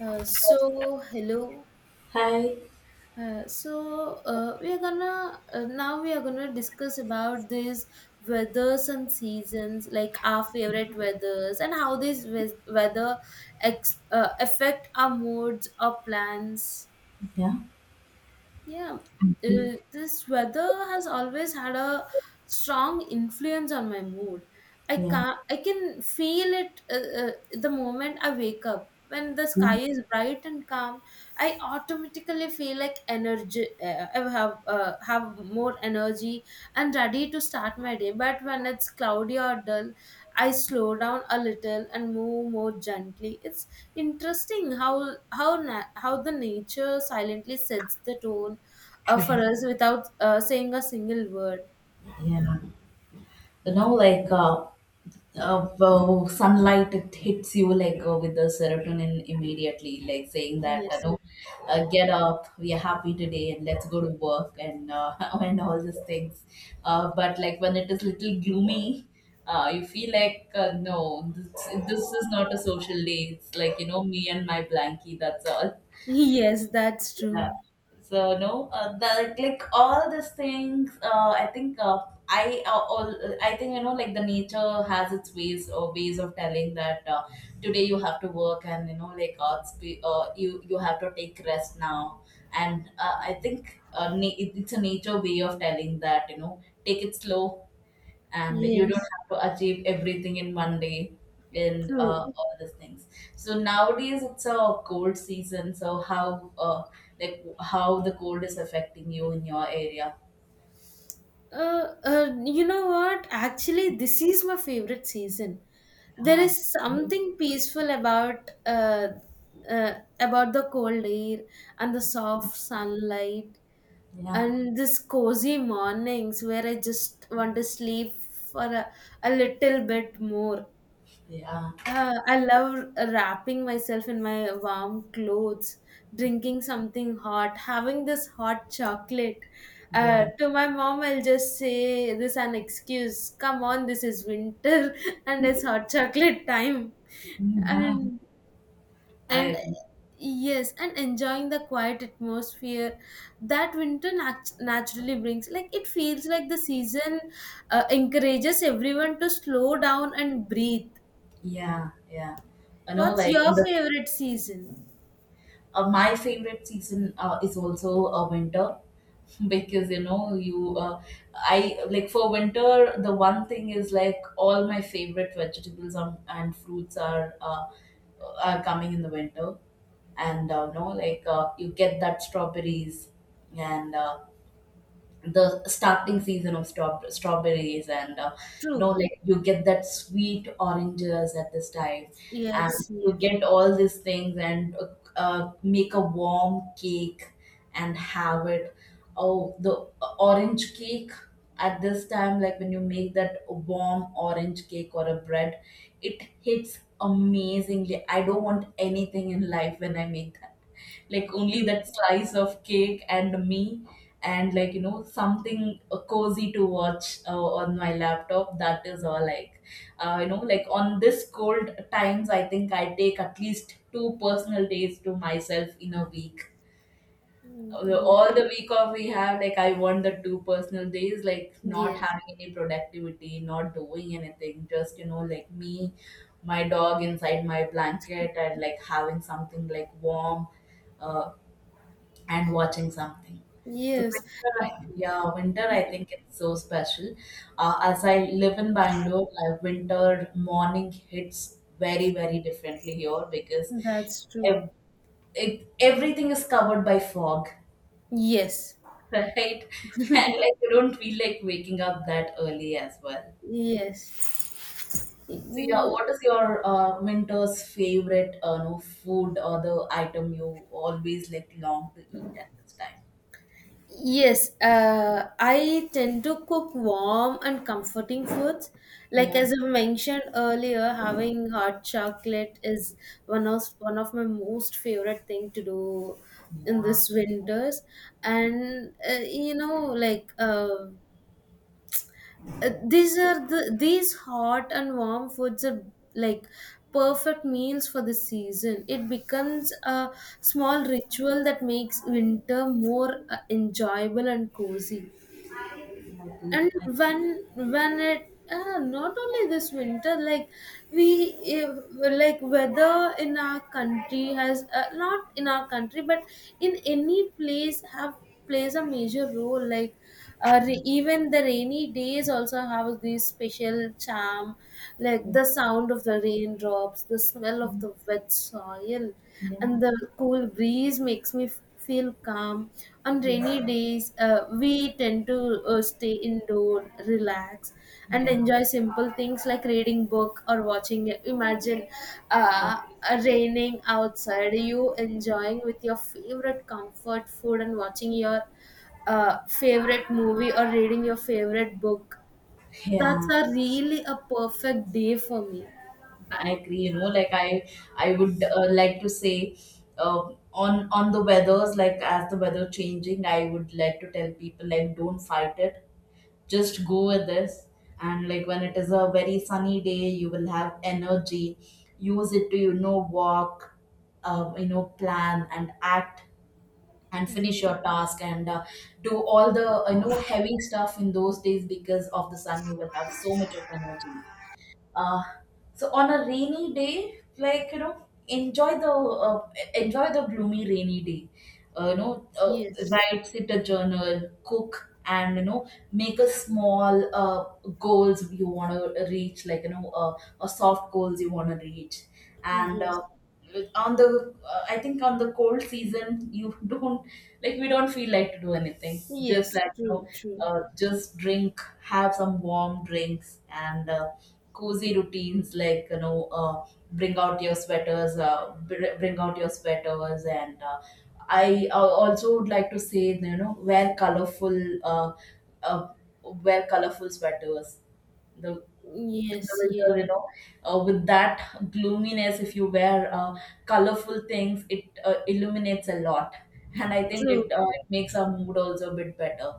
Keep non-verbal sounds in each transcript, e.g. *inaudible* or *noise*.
Hello. Hi. We are gonna now we are gonna discuss about these weathers and seasons, like our favorite weathers and how weather affect our moods or plans. Yeah, Yeah, I this weather has always had a strong influence on my mood. I Yeah. can I can feel it the moment I wake up. When the Yeah. sky is bright and calm, I automatically feel like energy. I have have more energy and ready to start my day. But when it's cloudy or dull, I slow down a little and move more gently. It's interesting how the nature silently sets the tone for us without saying a single word. Yeah. Like, well, sunlight it hits you like with the serotonin immediately, like saying that Yes. no, get up, we are happy today, and let's go to work and *laughs* and all these things. But like when it is little gloomy, you feel like no, this is not a social day. It's like me and my blankie. That's all. *laughs* Yes, that's Yeah. true. So no, the like all these things. I think I uh, all I think like the nature has its ways or ways of telling that today you have to work, and you know like you have to take rest now. And I think it's a nature way of telling that you know take it slow, and you don't Yes, have to achieve everything in one day and true. all these things. So nowadays it's a cold season, so how like how the cold is affecting you in your area? You know what? Actually, this is my favorite season. There Yeah, is right. something peaceful about uh, about the cold air and the soft sunlight Yeah, and this cozy mornings where I just want to sleep for a little bit more. yeah, I love wrapping myself in my warm clothes, drinking something hot, having this hot chocolate. yeah. To my mom, I'll just say this an excuse. Come on, this is winter, *laughs* and it's hot chocolate time. Mhm. And I and agree. yes, and enjoying the quiet atmosphere that naturally brings. Like it feels like the season encourages everyone to slow down and breathe. Yeah, yeah. I know What's like your in the favorite season? My favorite season is also winter. *laughs* Because you know you I like for winter the one thing is like all my favorite vegetables and fruits are coming in the winter, and no like you get that strawberries, and the starting season of strawberries, and you know True. like you get that sweet oranges at this time, and Yes, you yes. get all these things, and make a warm cake and have it. Oh, the orange cake at this time, like when you make that warm orange cake or a bread, it hits amazingly. I don't want anything in life when I make, like, only True. that slice of cake and me. And like, you know, something cozy to watch on my laptop, that is all. Like, you know, like on this cold times I think I take at least two personal days to myself in a week. Mm, ye-. All the week off we have, like I want the two personal days, like not Yes, having any productivity, not doing anything, just, you know, like me, my dog, inside my blanket, and like having something like warm uh and watching something. So yes, winter, yeah, winter. I think it's so special. As I live in Bangalore, winter morning hits very very differently here because that's true. ev- everything is covered by fog, Yes, *laughs* right? And like you don't feel like waking up that early as well. yes. So yeah, Mm. what is your winter's favorite, no, food or the item you always like long to eat at this time? Yes, I tend to cook warm and comforting foods. Like Yeah, as I mentioned earlier, having hot chocolate is one of my most favorite thing to do in yeah. this winters. And you know, these are these hot and warm foods are like perfect meals for the season. It becomes a small ritual that makes winter more enjoyable and cozy. I believe And I. when it, not only this winter, like we if, like weather in our country has, not in our country, but in any place have, plays a major role. Even the rainy days also have this special charm, like Yeah, the sound of the raindrops, the smell of the wet soil, yeah, and the cool breeze makes me feel calm. On yeah, rainy days, we tend to stay indoor, relax, and yeah, enjoy simple things like reading book or watching. It. Imagine eh, uh, raining outside, you enjoying with your favorite comfort food and watching your favorite movie or reading your favorite book. That's yeah. a really a perfect day for me. I agree. You know, like I would like to say, on the weathers, like as the weather changing, I would like to tell people like don't fight it. Just go with this, and like when it is a very sunny day, you will have energy. Use it to you know walk, you know plan and act and finish Yes, your task, and do all the you know heavy stuff in those days, because of the sun you will have so much of energy. uh, so on a rainy day, like you know, enjoy the gloomy rainy day, you know, write, sit a journal, cook, and you know, make a small, goals you want to reach, like you know, a soft goals you want to reach, yes, and yes, uh, on the I think on the cold season, you *laughs* don't, like we don't feel like to do anything, just yes, like you know, true, true. Just drink, have some warm drinks, and cozy routines, like you know, bring out your sweaters, bring out your sweaters, and I also would like to say, you know, wear colorful, uh, uh, wear colorful sweaters, the Yes, yes. winter, you know, with that gloominess, if you wear colorful things it illuminates a lot. And I think True. it makes our mood also a bit better.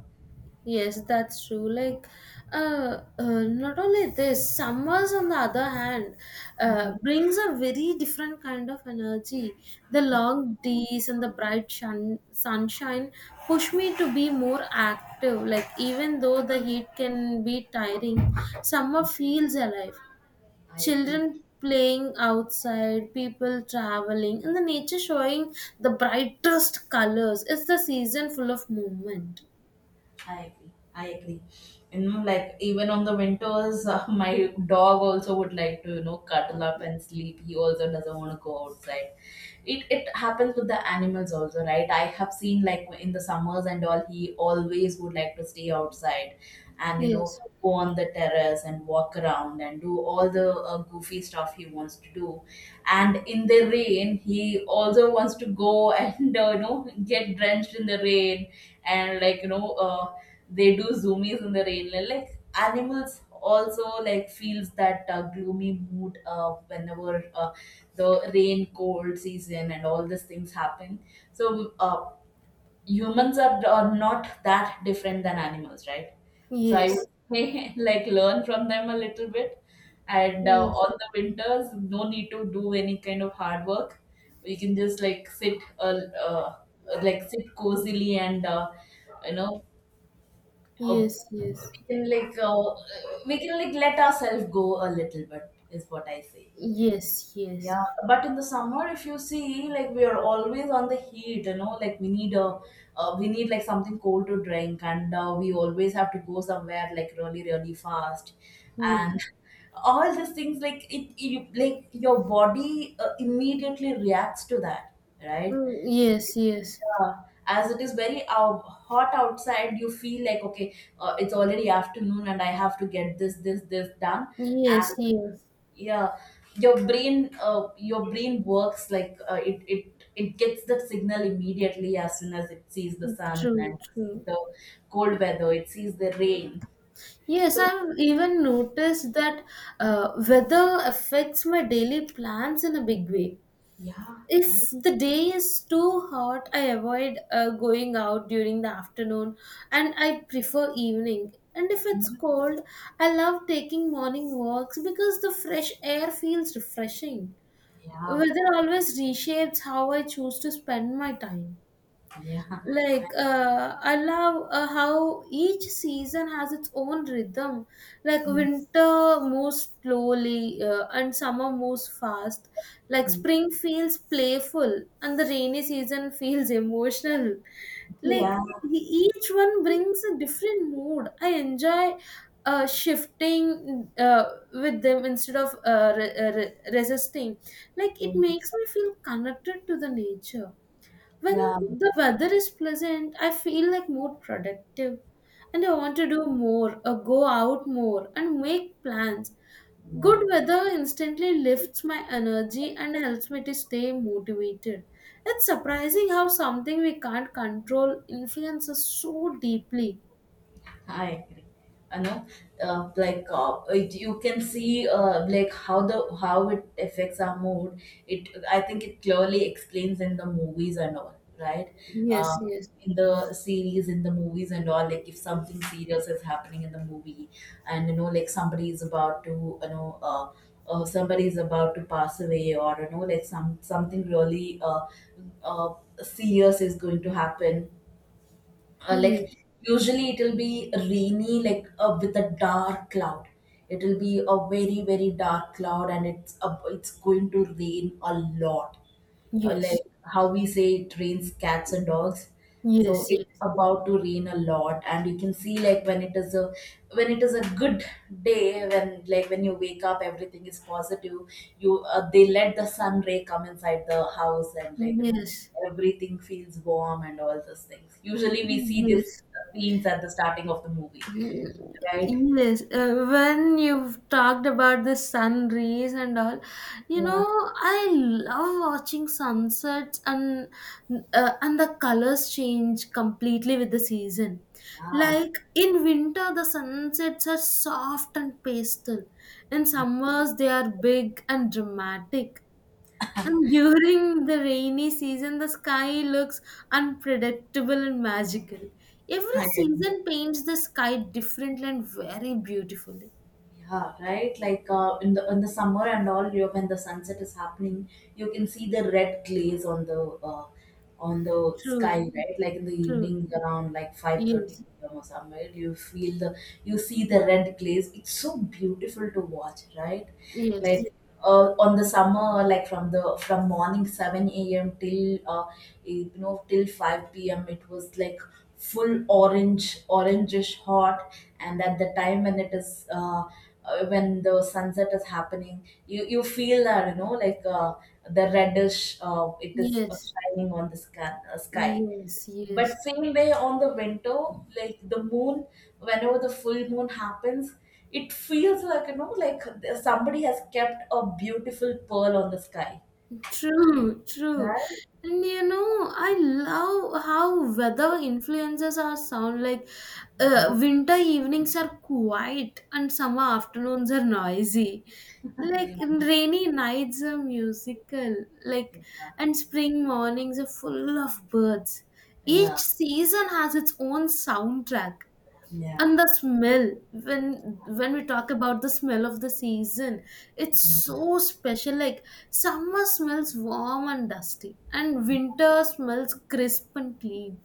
Yes, that's true. Like, not only this, summers on the other hand Hmm. brings a very different kind of energy. The Yeah, long days and the sunshine push me to be more active. Like, even though the heat can be tiring, summer yeah, feels alive. I agree. Children playing outside, people traveling, and the nature showing the brightest colors. It's the season full of movement. I agree. I agree. You know, like, even on the winters, *laughs* my dog also would like to, you know, cuddle up and sleep. He also doesn't want to go outside. It happens with the animals also, right? I have seen like in the summers and all, he always would like to stay outside, and you know, Yes. go on the terrace and walk around and do all the goofy stuff he wants to do. And in the rain, he also wants to go *laughs* and you know get drenched in the rain, and like you know, they do zoomies in the rain, like animals also like feels that gloomy mood, whenever the rain, cold season, and all these things happen. So humans are not that different than animals, right? So I would Yes, say *laughs* like learn from them a little bit, and yes, on the winters no need to do any kind of hard work. We can just like sit, uh, like sit cozily, and you know, uh, yes, we can like uh, we can like let ourselves go a little bit, is what I say. yes, yes, yes, Yeah, but in the summer if you see, like we are always on the heat, you know, like we need like something cold to drink, and we always have to go somewhere like really really fast, yes. and *laughs* all these things, like it you like your body immediately reacts to that, right? Mm, yes, yes, Yeah, as it is very hot outside, you feel like, okay, it's already afternoon and I have to get this done. yes, And yes. yeah, your brain works like, it gets that signal immediately as soon as it sees the sun, and True, sees true. the cold weather, it sees the rain. Yes, So I've even noticed that weather affects my daily plans in a big way. yeah, right. If the day is too hot, I avoid going out during the afternoon, and I prefer evening. And if it's cold, I love taking morning walks because the fresh air feels refreshing. Yeah, Weather always reshapes how I choose to spend my time. yeah, *laughs* Like I love how each season has its own rhythm. Like mm, winter moves slowly and summer moves fast, like mm. spring feels playful, and the rainy season *laughs* feels emotional. Yeah, Each one brings a different mood I enjoy shifting with them instead of resisting. Like it makes me feel connected to the nature. When yeah, the weather is pleasant, I feel like more productive, and I want to do more or go out more and make plans. yeah. Good weather instantly lifts my energy and helps me to stay motivated. It's surprising how something we can't control influences so deeply. I agree. You know, like you can see like how it affects our mood. It I think it clearly explains in the movies and all, right? Yes, Uh, yes, in the series, in the movies and all, like if something serious is happening in the movie, and you know, like somebody is about to, you know, somebody is about to pass away, or you know, like something really uh, serious is going to happen, yes, like usually it will be rainy, like with a dark cloud. It will be a very very dark cloud, and it's going to rain a lot. Like yes, how we say, it rains cats and dogs. So yes, it's about to rain a lot, and you can see, like when it is a good day, when like when you wake up, everything is positive, you they let the sun ray come inside the house, and yes, like you know, yes, everything feels warm, and all those things usually we see these yes. scenes at the starting of the movie, right? Yes, when you've talked about the sun rays and all, you Yeah. know, I love watching sunsets and the colors change completely with the season. Ah, Like in winter, the sunsets are soft and pastel. In summers, they are big and dramatic. And during the rainy season, the sky looks unpredictable and magical. Every hi. season paints the sky differently and very beautifully. Yeah, right. Like in the summer and all, you when the sunset is happening, you can see the red glaze on the sky, True, right? Like in the true. evening around like 5:30 Yes, or somewhere, you feel the you see the red glaze. It's so beautiful to watch, right? yes, Like on the summer, like from morning 7 a.m. till you know, till 5 p.m. it was like full orange, orangish hot, and at the time when the sunset is happening, you feel that you know like the reddish, it is yes, shining on the sky. yes, But yes. same way on the winter, like the moon, whenever the full moon happens, it feels like, you know, like somebody has kept a beautiful pearl on the sky. True, true. Right? And you know, I love how weather influences our sound. Like, winter evenings are quiet and summer afternoons are noisy. Yeah, yeah, Like, in rainy nights are musical. Like, and spring mornings are full of birds. yeah, Each season has its own soundtrack, yeah. and the smell, when we Absolutely. talk about the smell of the season, it's Yeah, so special. Like summer smells warm and dusty, and winter smells crisp and clean,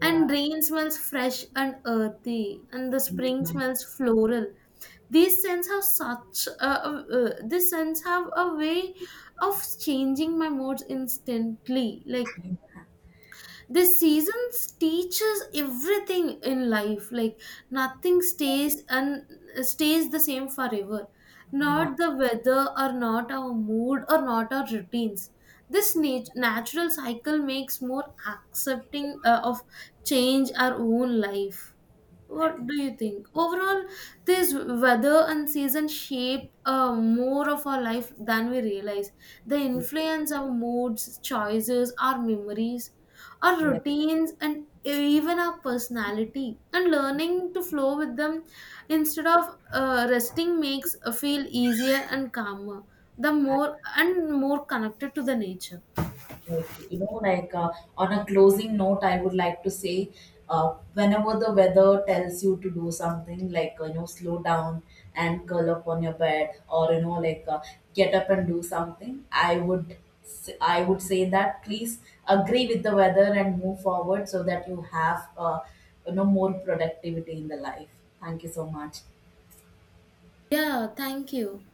yeah, and yeah, rain smells fresh and earthy, and the spring smells floral. These scents have a way of changing my moods instantly. Like the seasons teaches everything in life, like nothing stays the same forever, yeah. not the weather or not our mood or not our routines. Natural cycle makes more accepting of change our own life. I What do you completely think? Overall, this weather and season shape more of our life than we realize. They agree. influence our moods, choices, our memories, our Yeah. Yeah. routines, and even our personality. And learning to flow with them instead of resting makes feel easier and calmer. The more and more connected to the nature. Right. You know, like, on a closing note, I would like to say, whenever the weather tells you to do something, like you know, slow down and curl up on your bed, or you know, like get up and do something, I would say that please agree with the weather and move forward so that you have, you know, more productivity in the life. Thank you so much. Yeah, thank you.